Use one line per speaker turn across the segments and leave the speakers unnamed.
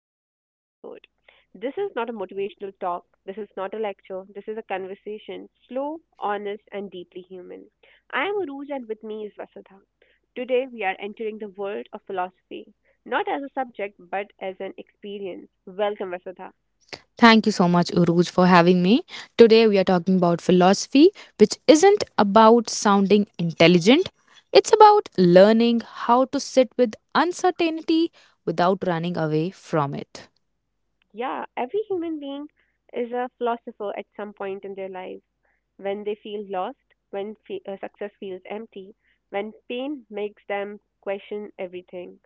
to today's episode. This is not a motivational talk, this is not a lecture, this is a conversation, slow, honest, and deeply human. I am Aruj and with me is Vasudha. Today we are entering the world of philosophy, not as a subject but as an experience. Welcome, Vasudha.
Thank you so much, Uruj, for having me. Today, we are talking about philosophy, which isn't about sounding intelligent. It's about learning how to sit with uncertainty without running away from it.
Yeah, every human being is a philosopher at some point in their life. When they feel lost, when success feels empty, when pain makes them question everything.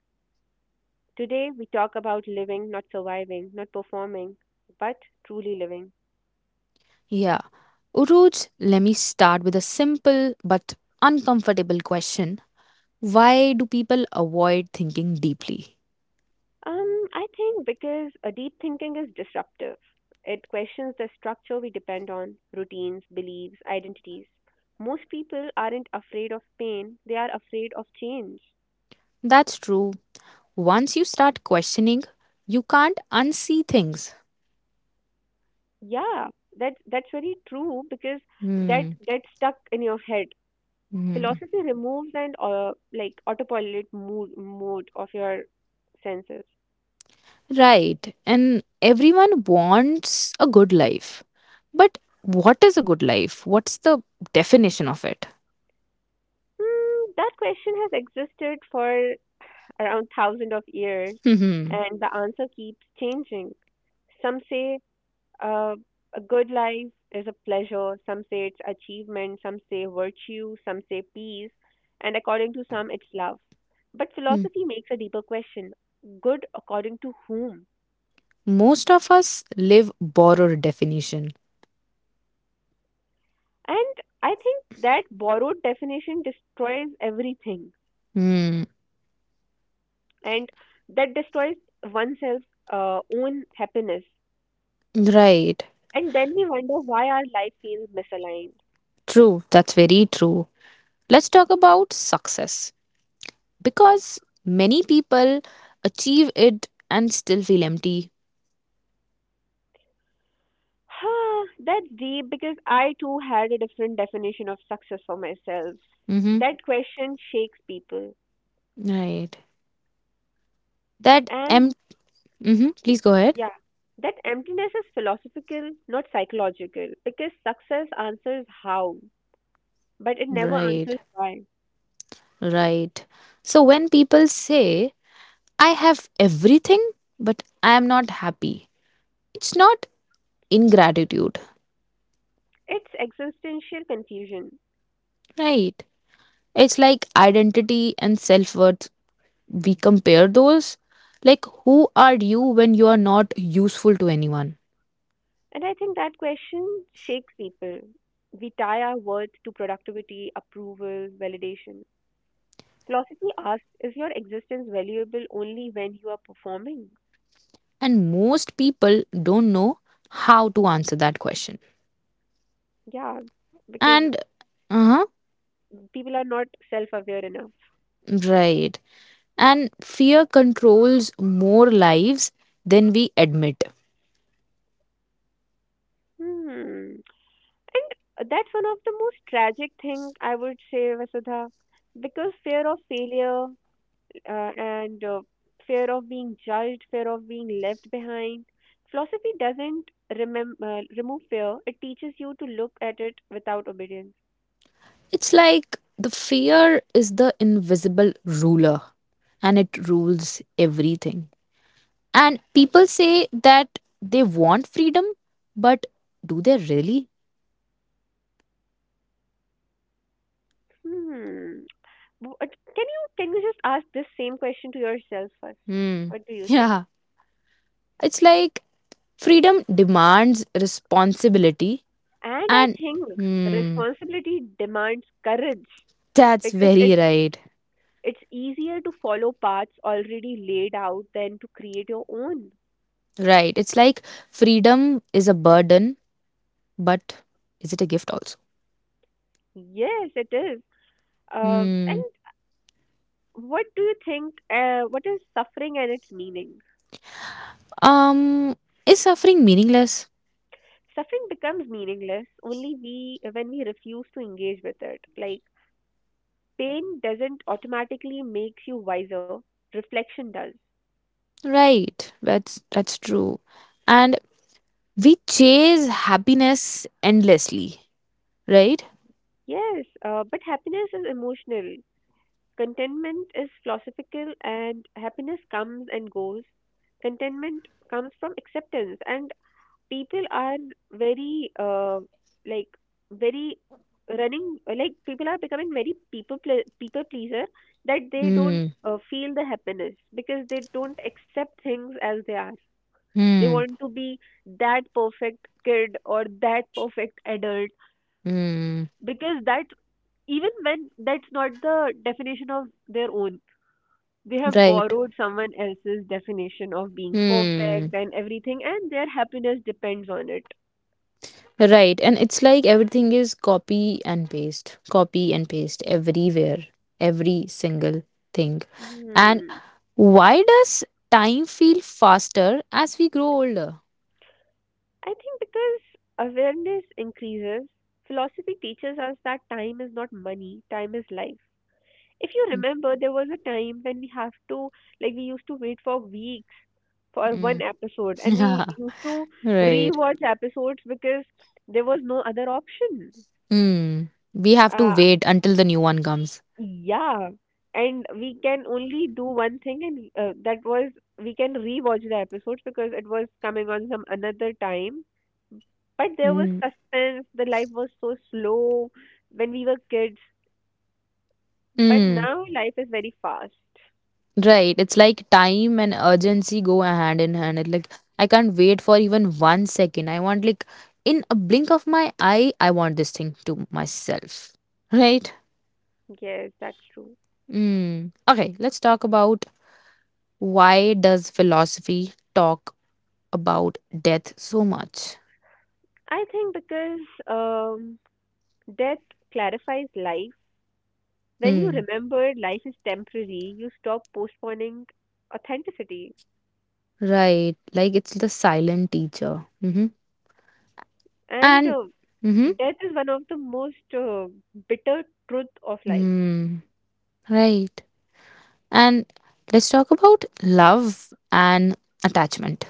Today we talk about living, not surviving, not performing, but truly living.
Yeah. Uruj, let me start with a simple but uncomfortable question. Why do people avoid thinking deeply?
I think because a deep thinking is disruptive. It questions the structure we depend on, routines, beliefs, identities. Most people aren't afraid of pain, they are afraid of change.
That's true. Once you start questioning, you can't unsee things.
Yeah, that's very true because that
Hmm.
gets stuck in your head.
Hmm.
Philosophy removes and like autopilot mood mode of your senses.
Right. And everyone wants a good life. But what is a good life? What's the definition of it?
Hmm, that question has existed for around thousands of years,
Hmm.
and the answer keeps changing. Some say uh, a good life is a pleasure, some say it's achievement, some say virtue, some say peace, and according to some, it's love. But
Hmm.
philosophy makes a deeper question: good according to whom?
Most of us live borrowed definition.
And I think that borrowed definition destroys everything,
Hmm.
and that destroys oneself's own happiness.
Right.
And then we wonder why our life feels misaligned.
True. That's very true. Let's talk about success because many people achieve it and still feel empty.
Huh, that's deep because I too had a different definition of success for myself.
Mm-hmm.
That question shakes people.
Right. That
And
em. Mm-hmm. Please go ahead.
yeah, that emptiness is philosophical, not psychological, because success answers how, but it never
Right.
answers why.
Right. So when people say I have everything, but I am not happy. It's not ingratitude,
It's existential confusion.
right? It's like identity and self worth. We compare those. Like, who are you when you are not useful to anyone?
And I think that question shakes people. We tie our worth to productivity, approval, validation. Philosophy asks, is your existence valuable only when you are performing?
And most people don't know how to answer that question.
Yeah, because
And, uh huh,
people are not self aware enough.
right. And fear controls more lives than we admit.
Hmm. And that's one of the most tragic thing I would say, Vasudha, because fear of failure and fear of being judged, fear of being left behind. Philosophy doesn't remove fear; it teaches you to look at it without obedience.
It's like the fear is the invisible ruler and it rules everything. And people say that they want freedom, but do they really?
Hmm. W- uh, Can you just ask this same question to yourself first?
Hmm.
What do you say?
Yeah. It's like freedom demands responsibility
And I
and
think
hmm.
responsibility demands courage
That's
because
very right.
it's easier to follow paths already laid out than to create your own.
Right. It's like freedom is a burden, but is it a gift also?
Yes, it is. Uh, and
Hmm.
what do you think? What is suffering and its meaning?
Um is suffering meaningless?
Suffering becomes meaningless only we when we refuse to engage with it. Like, pain doesn't automatically make you wiser, reflection does.
Right, that's true. And we chase happiness endlessly, right?
Yes, but happiness is emotional. Contentment is philosophical, and happiness comes and goes. Contentment comes from acceptance, and people are very, like, very running, like, people are becoming very people pleaser that they don't
Hmm.
feel the happiness because they don't accept things as they are. They
Hmm.
want to be that perfect kid or that perfect adult
Hmm.
because that, even when that's not the definition of their own. They have
Right.
borrowed someone else's definition of being perfect
Hmm.
and everything, and their happiness depends on it.
Right. And it's like everything is copy and paste. Copy and paste everywhere. Every single thing. And
Hmm.
why does time feel faster as we grow older?
I think because awareness increases, philosophy teaches us that time is not money, time is life. If you remember, there was a time when we have to, like, we used to wait for weeks for
Hmm.
one episode, and
Yeah.
we used to
Right.
re-watch episodes because there was no other option.
Hmm. We have to
uh
wait until the new one comes.
yeah, and we can only do one thing, and that was, we can re-watch the episodes because it was coming on some another time, but there was
Mm.
suspense, the life was so slow when we were kids, but
Mm,
now life is very fast.
right. It's like time and urgency go hand in hand. It like I can't wait for even one second. I want, like, in a blink of my eye, I want this thing to myself. Right?
Yes, that's true.
Mm. Okay, let's talk about, why does philosophy talk about death so much?
I think because um, death clarifies life. When you
Mm.
remember life is temporary, you stop postponing authenticity.
Right. Like it's the silent teacher. Mm-hmm.
And
And mm-hmm.
death is one of the most bitter truth of life.
Mm. Right. And let's talk about love and attachment.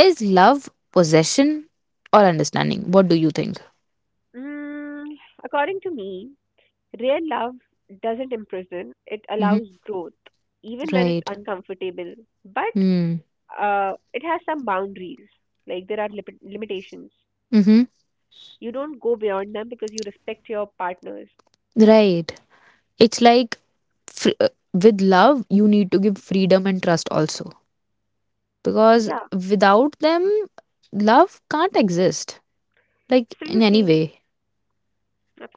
Is love possession or understanding? What do you think?
Mm, according to me, real love doesn't imprison, it
Hmm.
allows growth, even when it's
Right.
uncomfortable. But
Hmm.
it has some boundaries, like there are limitations.
Hmm.
You don't go beyond them because you respect your partners.
Right. It's like fr- uh, with love, you need to give freedom and trust also. Because
Yeah,
without them, love can't exist, like in any
absolutely.
way.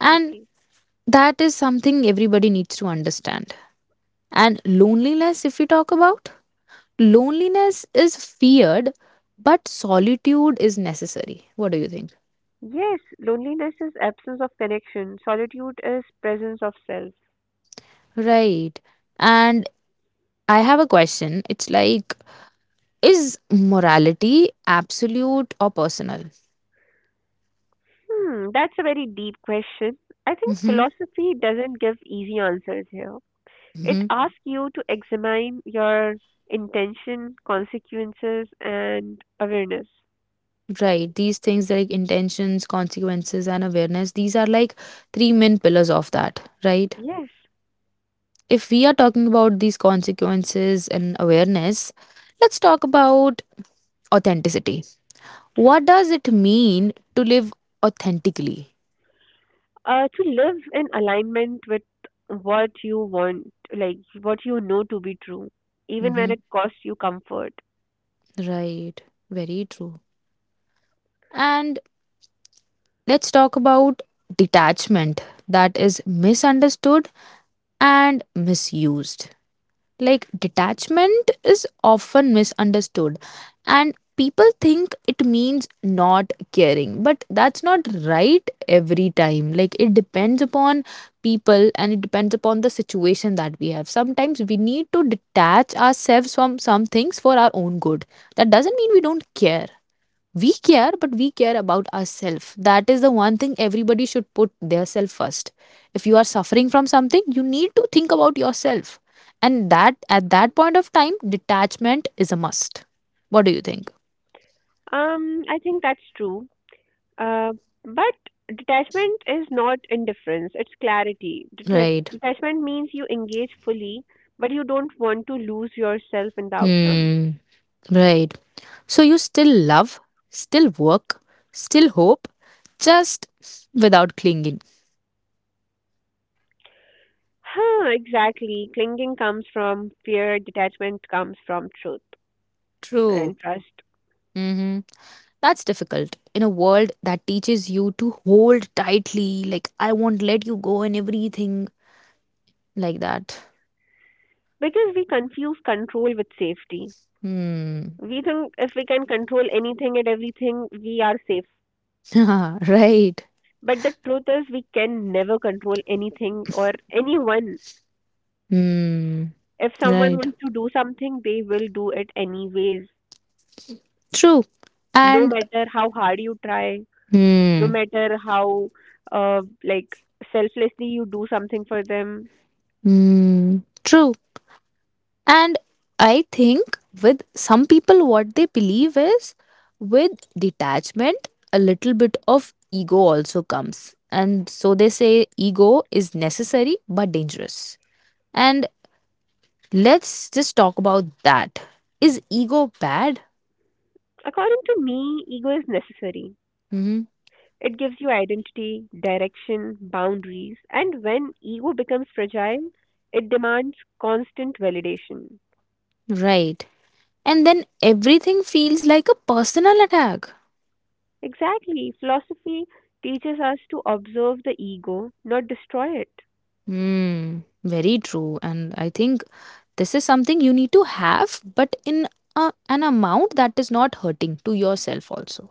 And that is something everybody needs to understand. And loneliness, if we talk about, loneliness is feared, but solitude is necessary. What do you think?
Yes, loneliness is absence of connection. Solitude is presence of self.
Right. And I have a question. It's like, is morality absolute or personal?
Hmm, that's a very deep question. I think
Mm-hmm.
philosophy doesn't give easy answers here. It
Mm-hmm.
asks you to examine your intention, consequences, and awareness.
Right. These things like intentions, consequences, and awareness, these are like three main pillars of that, right?
Yes,
If we are talking about these consequences and awareness, let's talk about authenticity. What does it mean to live authentically?
to live in alignment with what you want, like what you know to be true, even when
Mm-hmm.
it costs you comfort.
Right. Very true. And let's talk about detachment that is misunderstood and misused. Like, detachment is often misunderstood, and people think it means not caring, but that's not right every time. Like, it depends upon people and it depends upon the situation that we have. Sometimes we need to detach ourselves from some things for our own good. That doesn't mean we don't care, we care, but we care about ourselves. That is the one thing, everybody should put their self first. If you are suffering from something, you need to think about yourself, and that at that point of time, detachment is a must. What do you think?
I think that's true. Uh, but detachment is not indifference, it's clarity.
Right.
Detachment means you engage fully, but you don't want to lose yourself in the outcome.
Hmm. Right. So you still love, still work, still hope, just without clinging.
Huh, exactly. Clinging comes from fear, detachment comes from truth
True.
and trust.
Mm-hmm. That's difficult in a world that teaches you to hold tightly, like, I won't let you go, and everything like that.
Because we confuse control with safety.
Hmm.
We think if we can control anything and everything, we are safe.
Right.
But the truth is, we can never control anything or anyone.
Hmm.
If someone
Right.
wants to do something, they will do it anyways,
True.
no
And,
matter how hard you try, no
hmm.
matter how uh, like selflessly you do something for them.
Hmm. True. And I think with some people, what they believe is with detachment, a little bit of ego also comes. And so they say ego is necessary but dangerous. And let's just talk about that. Is ego bad?
According to me, ego is necessary.
Hmm.
It gives you identity, direction, boundaries, and when ego becomes fragile, it demands constant validation.
Right. And then everything feels like a personal attack.
Exactly, philosophy teaches us to observe the ego, not destroy it.
Hmm. Very true. And I think this is something you need to have, but in an amount that is not hurting to yourself also.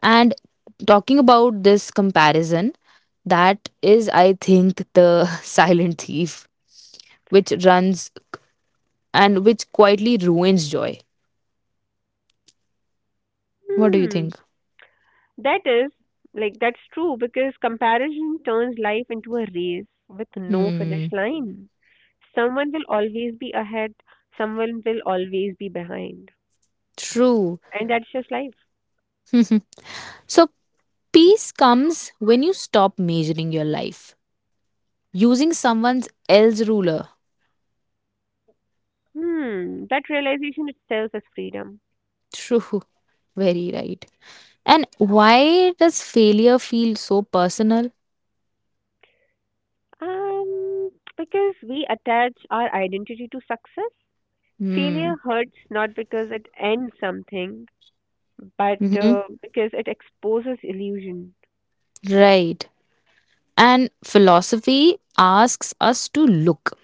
And talking about this comparison, that is, I think, the silent thief, which runs and which quietly ruins joy. What do you
Hmm.
think?
That is, like, that's true because comparison turns life into a race with no finish
Hmm.
line. Someone will always be ahead, someone will always be behind.
True.
And that's just life.
Mhm. So peace comes when you stop measuring your life using someone's else ruler.
Hmm, that realization itself is freedom.
True. Very right. And why does failure feel so personal?
Um, because we attach our identity to success, failure
Hmm.
hurts not because it ends something, but
Hmm.
because it exposes illusion.
Right. And philosophy asks us to look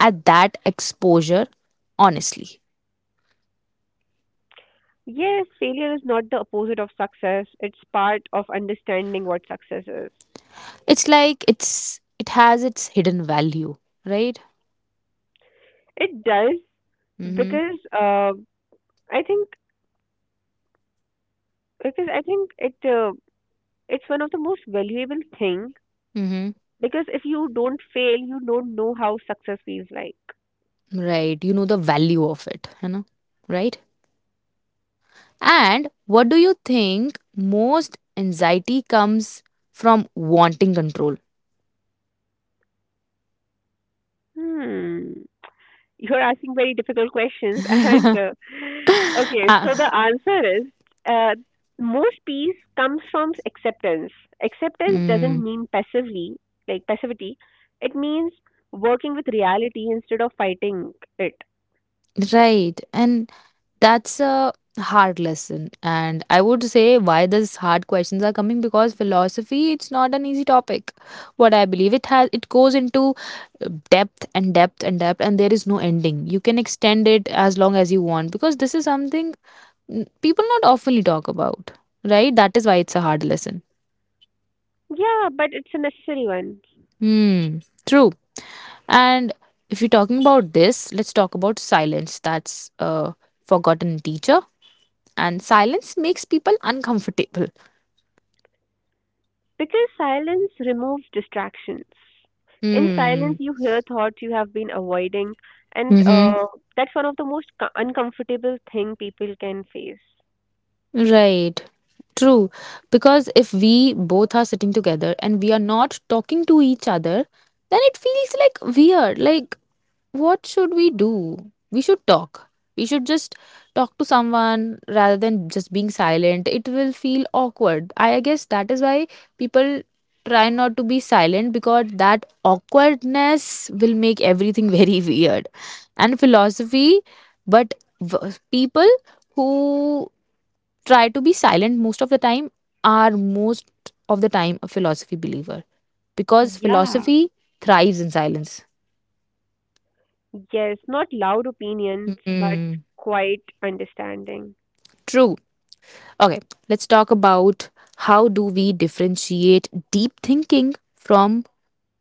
at that exposure honestly.
Yes, failure is not the opposite of success. It's part of understanding what success is.
It's like it has its hidden value, right?
It does
Mm-hmm.
because I think I think it's one of the most valuable thing
Mm-hmm.
because if you don't fail, you don't know how success feels like.
Right. You know the value of it, you know, right? And what do you think, most anxiety comes from wanting control?
Hmm. You're asking very difficult questions. And okay, so the
Ah,
answer is uh, most peace comes from acceptance. Acceptance doesn't
mm,
mean passively, like passivity. It means working with reality instead of fighting it.
right. And that's a hard lesson. And I would say, why these hard questions are coming, because philosophy, it's not an easy topic. What I believe, it has, it goes into depth and depth and depth, and there is no ending. You can extend it as long as you want, because this is something, people not oftenly talk about. Right? That is why it's a hard lesson.
Yeah, but it's a necessary one.
Hmm, true. And if you're talking about this, let's talk about silence. That's a forgotten teacher. And silence makes people uncomfortable.
Because silence removes distractions. In
Hmm.
silence, you hear thoughts you have been avoiding, and
Mm-hmm.
that's one of the most uncomfortable thing people can face.
Right. True. Because if we both are sitting together and we are not talking to each other, then it feels like weird. Like, what should we do? We should talk. We should just talk to someone rather than just being silent. It will feel awkward. I guess that is why people try not to be silent, because that awkwardness will make everything very weird. And philosophy, but v- people who try to be silent most of the time are most of the time a philosophy believer, because
Yeah.
philosophy thrives in silence.
Yes, not loud opinions, but
Hmm.
quiet understanding.
True. Okay, let's talk about, how do we differentiate deep thinking from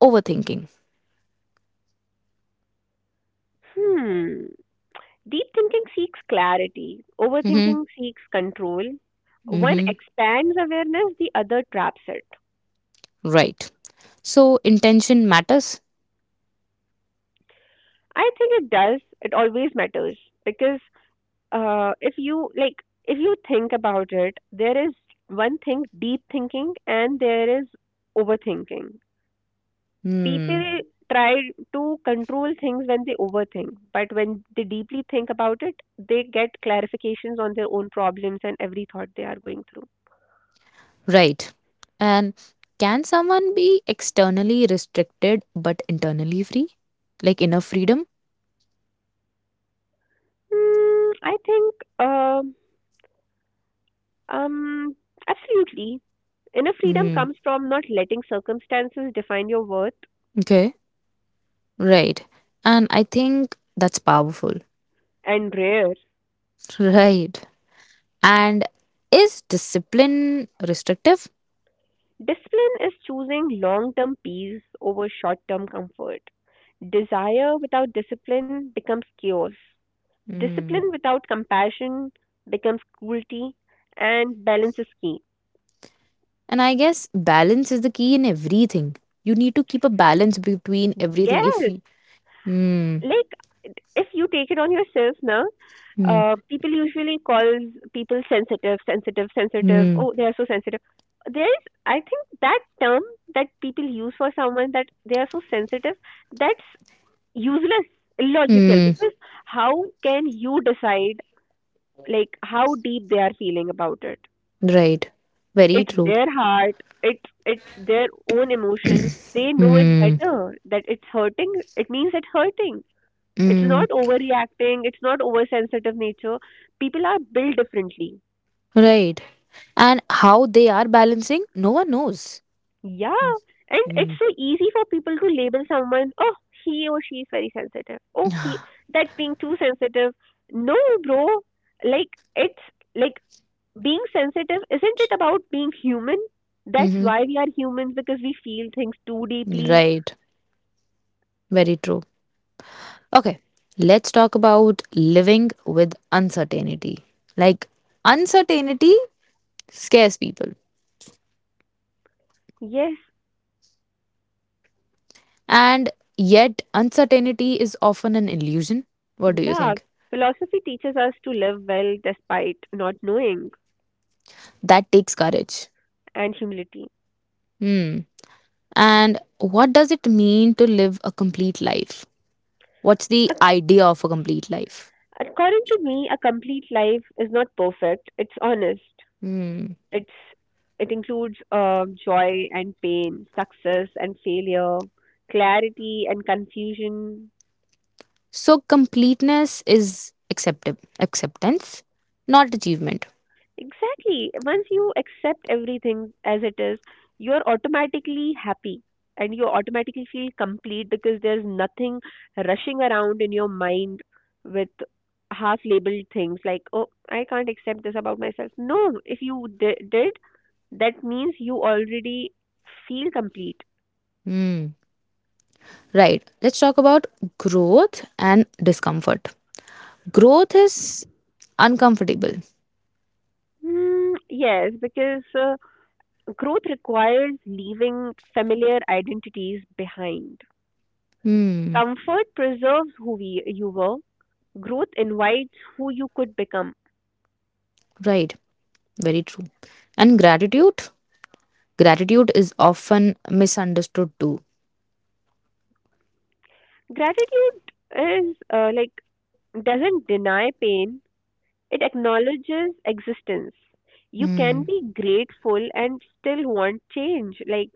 overthinking.
Hmm. Deep thinking seeks clarity,
Mm-hmm.
overthinking seeks control. One
Mm-hmm.
expands awareness, the other traps it.
Right. So intention matters.
I think it does. It always matters because if you like, if you think about it, there is one thing deep thinking and there is overthinking.
Hmm.
People try to control things when they overthink, but when they deeply think about it, they get clarifications on their own problems and every thought they are going through.
Right. And can someone be externally restricted but internally free? Like inner freedom?
Mm, I think, uh, um, Absolutely. Inner freedom
Hmm.
comes from not letting circumstances define your worth,
Okay. Right. And I think that's powerful.
and rare.
Right. And is discipline restrictive?
Discipline is choosing long term peace over short term comfort. Desire without discipline becomes chaos.
Hmm.
Discipline without compassion becomes cruelty, and balance is key.
And I guess balance is the key in everything. You need to keep a balance between everything. If
Yes,
you, hmm,
like if you take it on yourself now,
hmm,
people usually calls people sensitive, sensitive, sensitive.
hmm,
Oh, they are so sensitive. I think that term that people use for someone that they are so sensitive, that's useless, illogical,
hmm,
because how can you decide like how deep they are feeling about it?
right, very
It's
true.
their heart, it's their own emotions, they know it
Hmm,
better that it's hurting, it means it's hurting. It's
hmm,
not overreacting, it's not oversensitive nature, people are built differently.
right. And how they are balancing, no one knows.
Yeah, and it's
Mm.
so easy for people to label someone, oh, he or she is very sensitive, oh he, that's being too sensitive. No, bro, like, it's like, being sensitive isn't it about being human? That's
Mm-hmm.
why we are humans, because we feel things too deeply.
Right, very true. Okay, let's talk about living with uncertainty. Like, uncertainty scares people.
Yes,
And yet, uncertainty is often an illusion. What do you
yeah.
think?
Philosophy teaches us to live well despite not knowing,
That takes courage.
and humility.
Hmm. And what does it mean to live a complete life? What's the
Ac-
idea of a complete life?
According to me, a complete life is not perfect. It's honest.
Hmm.
It's it includes joy and pain, success and failure, clarity and confusion.
So, completeness is acceptable, acceptance, not achievement.
Exactly. Once you accept everything as it is, you're automatically happy and you automatically feel complete because there's nothing rushing around in your mind with half labeled things like, oh, I can't accept this about myself. No, if you did, that means you already feel complete.
Hmm. Right. Let's talk about growth and discomfort. Growth is uncomfortable.
Mm, yes, because growth requires leaving familiar identities behind.
Hmm.
Comfort preserves you were, growth invites who you could become.
Right. Very true. And gratitude? Gratitude is often misunderstood too.
Gratitude is doesn't deny pain, it acknowledges existence. You can
Hmm.
be grateful and still want change. Like,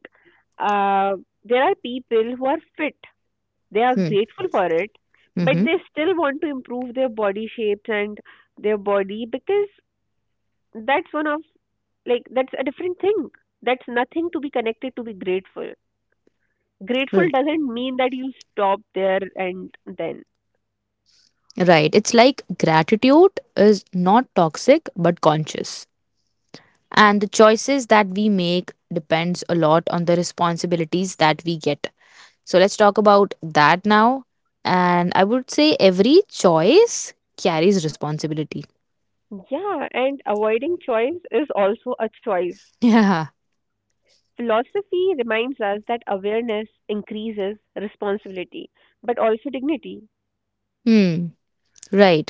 uh, there are people who are fit, they are
Hmm.
grateful for it, but
Mm-hmm.
they still want to improve their body shapes and their body because that's one of like that's a different thing. That's nothing to be connected to be grateful. Grateful
R-
doesn't mean that you stop there and then.
Right. It's like gratitude is not toxic but conscious. And the choices that we make depends a lot on the responsibilities that we get. So let's talk about that now. And I would say every choice carries responsibility.
Yeah, and avoiding choice is also a choice.
Yeah.
Philosophy reminds us that awareness increases responsibility, but also dignity.
Hmm. Right.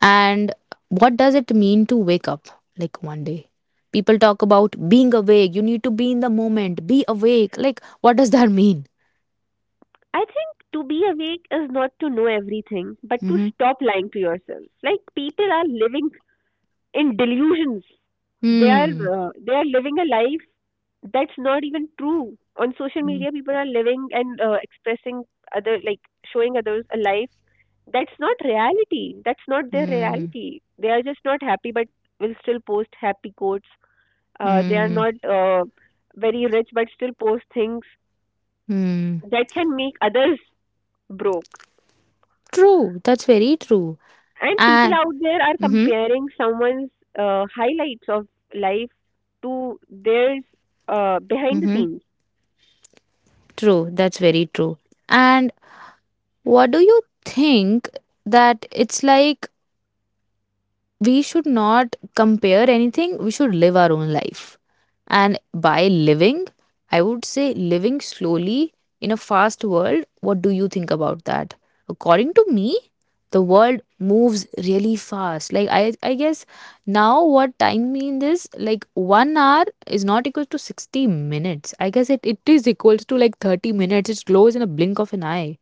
And what does it mean to wake up like one day? People talk about being awake. You need to be in the moment. Be awake. Like, what does that mean?
I think to be awake is not to know everything, but to
Mm-hmm.
stop lying to yourself. Like, people are living in delusions. They are
Hmm.
living a life that's not even true. On social
Hmm.
media, people are living and expressing other like showing others a life that's not reality. That's not their
Hmm.
reality. They are just not happy, but will still post happy quotes. They are
Hmm.
not very rich, but still post things
Hmm.
that can make others broke.
True. That's very true.
And people
And
out there are
mm-hmm.
comparing someone's highlights of life to theirs behind the
Mm-hmm.
scenes.
True. That's very true. And what do you think, that it's like we should not compare anything. We should live our own life. And by living, I would say living slowly in a fast world. What do you think about that? According to me, the world moves really fast. Like I guess now what time mean is, like, 1 hour is not equal to 60 minutes. I guess it is equals to like 30 minutes. It glows in a blink of an eye.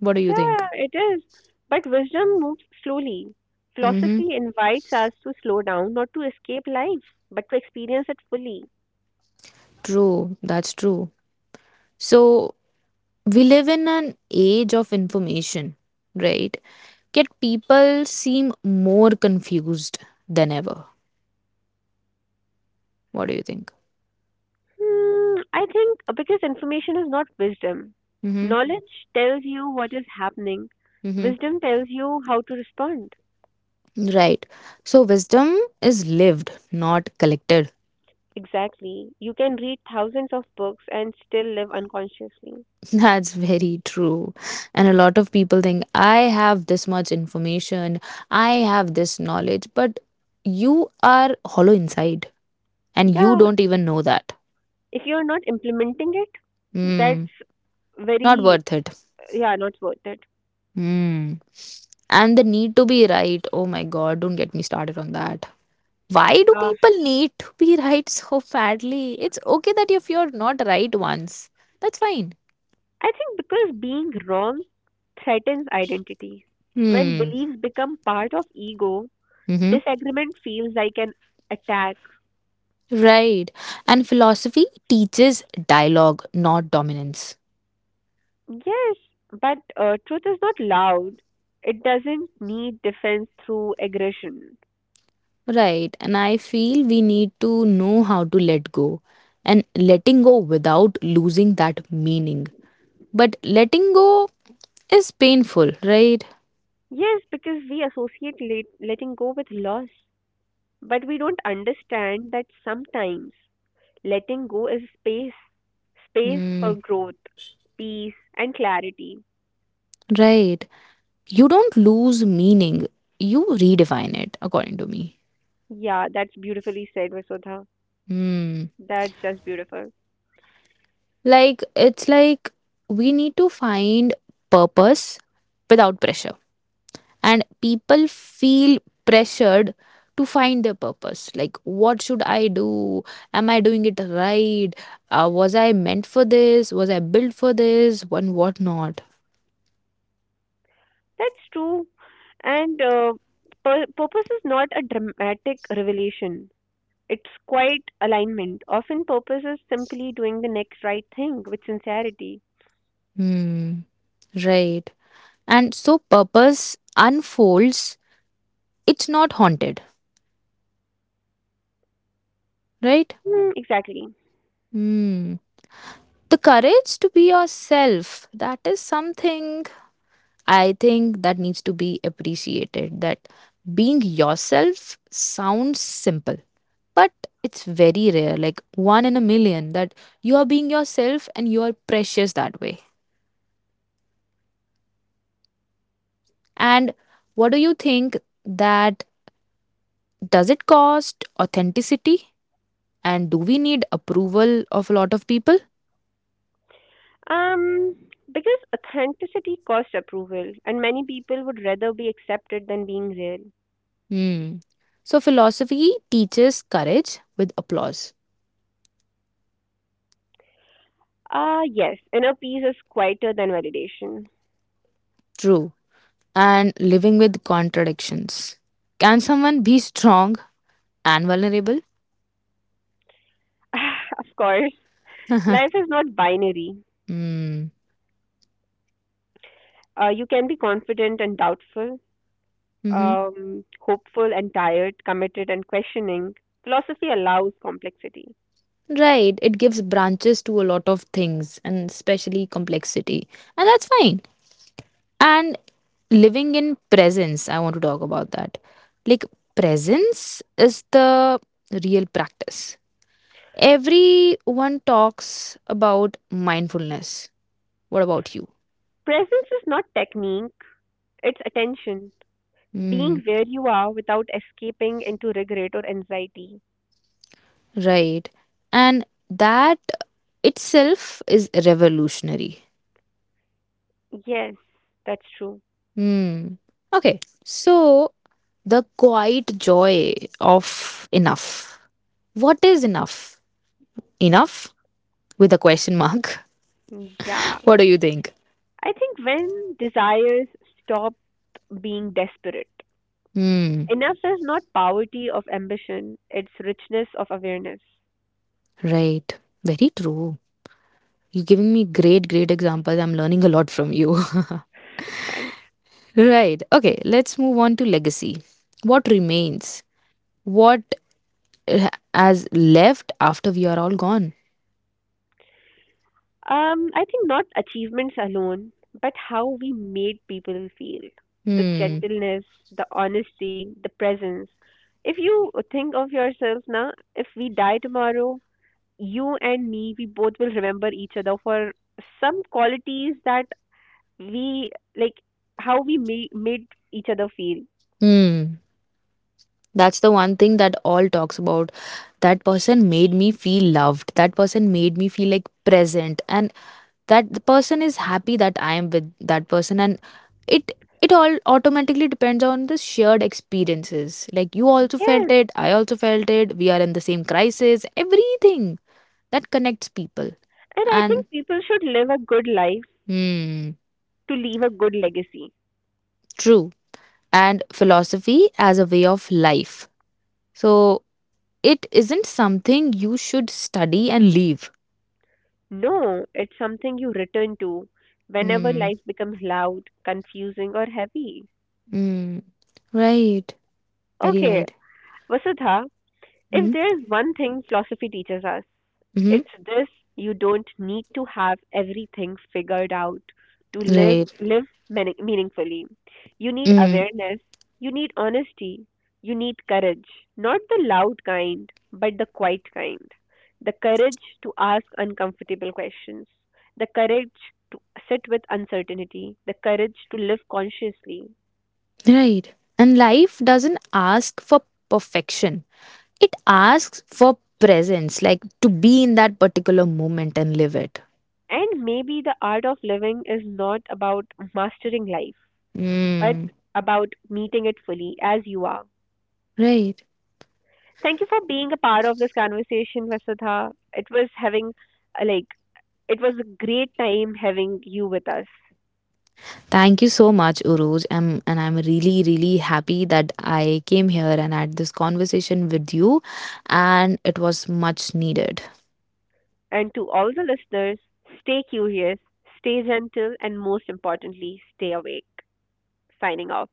What do you think?
Yeah, it is. But wisdom moves slowly.
Mm-hmm.
Philosophy invites us to slow down, not to escape life, but to experience it fully.
True. That's true. So we live in an age of information, right? Yet people seem more confused than ever. What do you think?
Hmm, I think because information is not wisdom.
Mm-hmm.
Knowledge tells you what is happening.
Mm-hmm.
Wisdom tells you how to respond.
Right. So wisdom is lived, not collected.
Exactly. You can read thousands of books and still live unconsciously.
That's very true. And a lot of people think, I have this much information, I have this knowledge, but you are hollow inside and you
Yeah,
don't even know that.
if you're not implementing it,
Hmm.
that's
Not
very,
worth it.
yeah, not worth it.
Hmm. And the need to be right. Oh my God, don't get me started on that. Why do
Uh,
people need to be right so badly? It's okay that if you're not right once, that's fine.
I think because being wrong threatens identity. When
Hmm.
beliefs become part of ego,
Mm-hmm.
disagreement feels like an attack.
Right. And philosophy teaches dialogue, not dominance.
Yes, but truth is not loud. It doesn't need defense through aggression.
Right. And I feel we need to know how to let go, and letting go without losing that meaning. But letting go is painful, right?
Yes, because we associate letting go with loss, but we don't understand that sometimes letting go is space
Hmm.
for growth, peace and clarity.
Right. You don't lose meaning, you redefine it, according to me.
Yeah, that's beautifully said, Vasudha.
Hmm.
That's just beautiful.
Like, it's like we need to find purpose without pressure. And people feel pressured to find their purpose. Like, what should I do? Am I doing it right? Was I meant for this? Was I built for this? And what not?
That's true. And purpose is not a dramatic revelation. It's quite alignment. Often purpose is simply doing the next right thing with sincerity.
Hmm. Right. And so purpose unfolds, it's not haunted, right?
Mm, exactly.
Hmm. The courage to be yourself, that is something, I think, that needs to be appreciated, that being yourself sounds simple, but it's very rare, like one in a million, that you are being yourself and you are precious that way. And what do you think, that does it cost authenticity, and do we need approval of a lot of people?
Um, because authenticity costs approval, and many people would rather be accepted than being real.
Hmm. So philosophy teaches courage with applause.
Ah, yes, inner peace is quieter than validation.
True. And living with contradictions. Can someone be strong and vulnerable?
Of course, life is not binary.
Hmm.
You can be confident and doubtful,
Hmm.
hopeful and tired, committed and questioning. Philosophy allows complexity.
Right. It gives branches to a lot of things, and especially complexity. And that's fine. And living in presence, I want to talk about that. Like, presence is the real practice. Everyone talks about mindfulness. What about you?
Presence is not technique, it's attention.
Hmm.
Being where you are without escaping into regret or anxiety.
Right. And that itself is revolutionary.
Yes, that's true.
Hmm. Okay. So, the quiet joy of enough. What is enough? Enough, with a question mark.
Yeah.
What do you think?
I think when desires stop being desperate,
Hmm.
enough is not poverty of ambition, it's richness of awareness.
Right. Very true. You're giving me great, great examples. I'm learning a lot from you.
Thanks.
Right. Okay. Let's move on to legacy. What remains? What has left after we are all gone?
I think not achievements alone, but how we made people feel. The
Hmm.
gentleness, the honesty, the presence. If you think of yourself now, if we die tomorrow, you and me, we both will remember each other for some qualities that we like, how we made each other feel.
Hmm. That's the one thing that all talks about. That person made me feel loved. That person made me feel like present, and that the person is happy that I am with that person, and it it all automatically depends on the shared experiences. Like, you also felt
Yes,
it, I also felt it. We are in the same crisis. Everything that connects people.
and I think
And,
people should live a good life
hmm,
to leave a good legacy.
true. And philosophy as a way of life. So it isn't something you should study and leave.
No, it's something you return to whenever
Mm.
life becomes loud, confusing, or heavy.
Mm. Right. Very
Okay,
right.
Vasudha, if
Mm.
there's one thing philosophy teaches us,
Hmm.
it's this: you don't need to have everything figured out to
Right.
live meaningfully. You need
Mm,
awareness, you need honesty, you need courage, not the loud kind, but the quiet kind. The courage to ask uncomfortable questions, the courage to sit with uncertainty, the courage to live consciously.
right. And life doesn't ask for perfection. It asks for presence, like to be in that particular moment and live it.
And maybe the art of living is not about mastering life, but
Mm,
about meeting it fully as you are.
right.
Thank you for being a part of this conversation, Vasudha. It was having like it was a great time having you with us.
Thank you so much, Uruj. And I'm really, really happy that I came here and had this conversation with you, and it was much needed.
And to all the listeners, stay curious, stay gentle, and most importantly, stay awake. Signing off.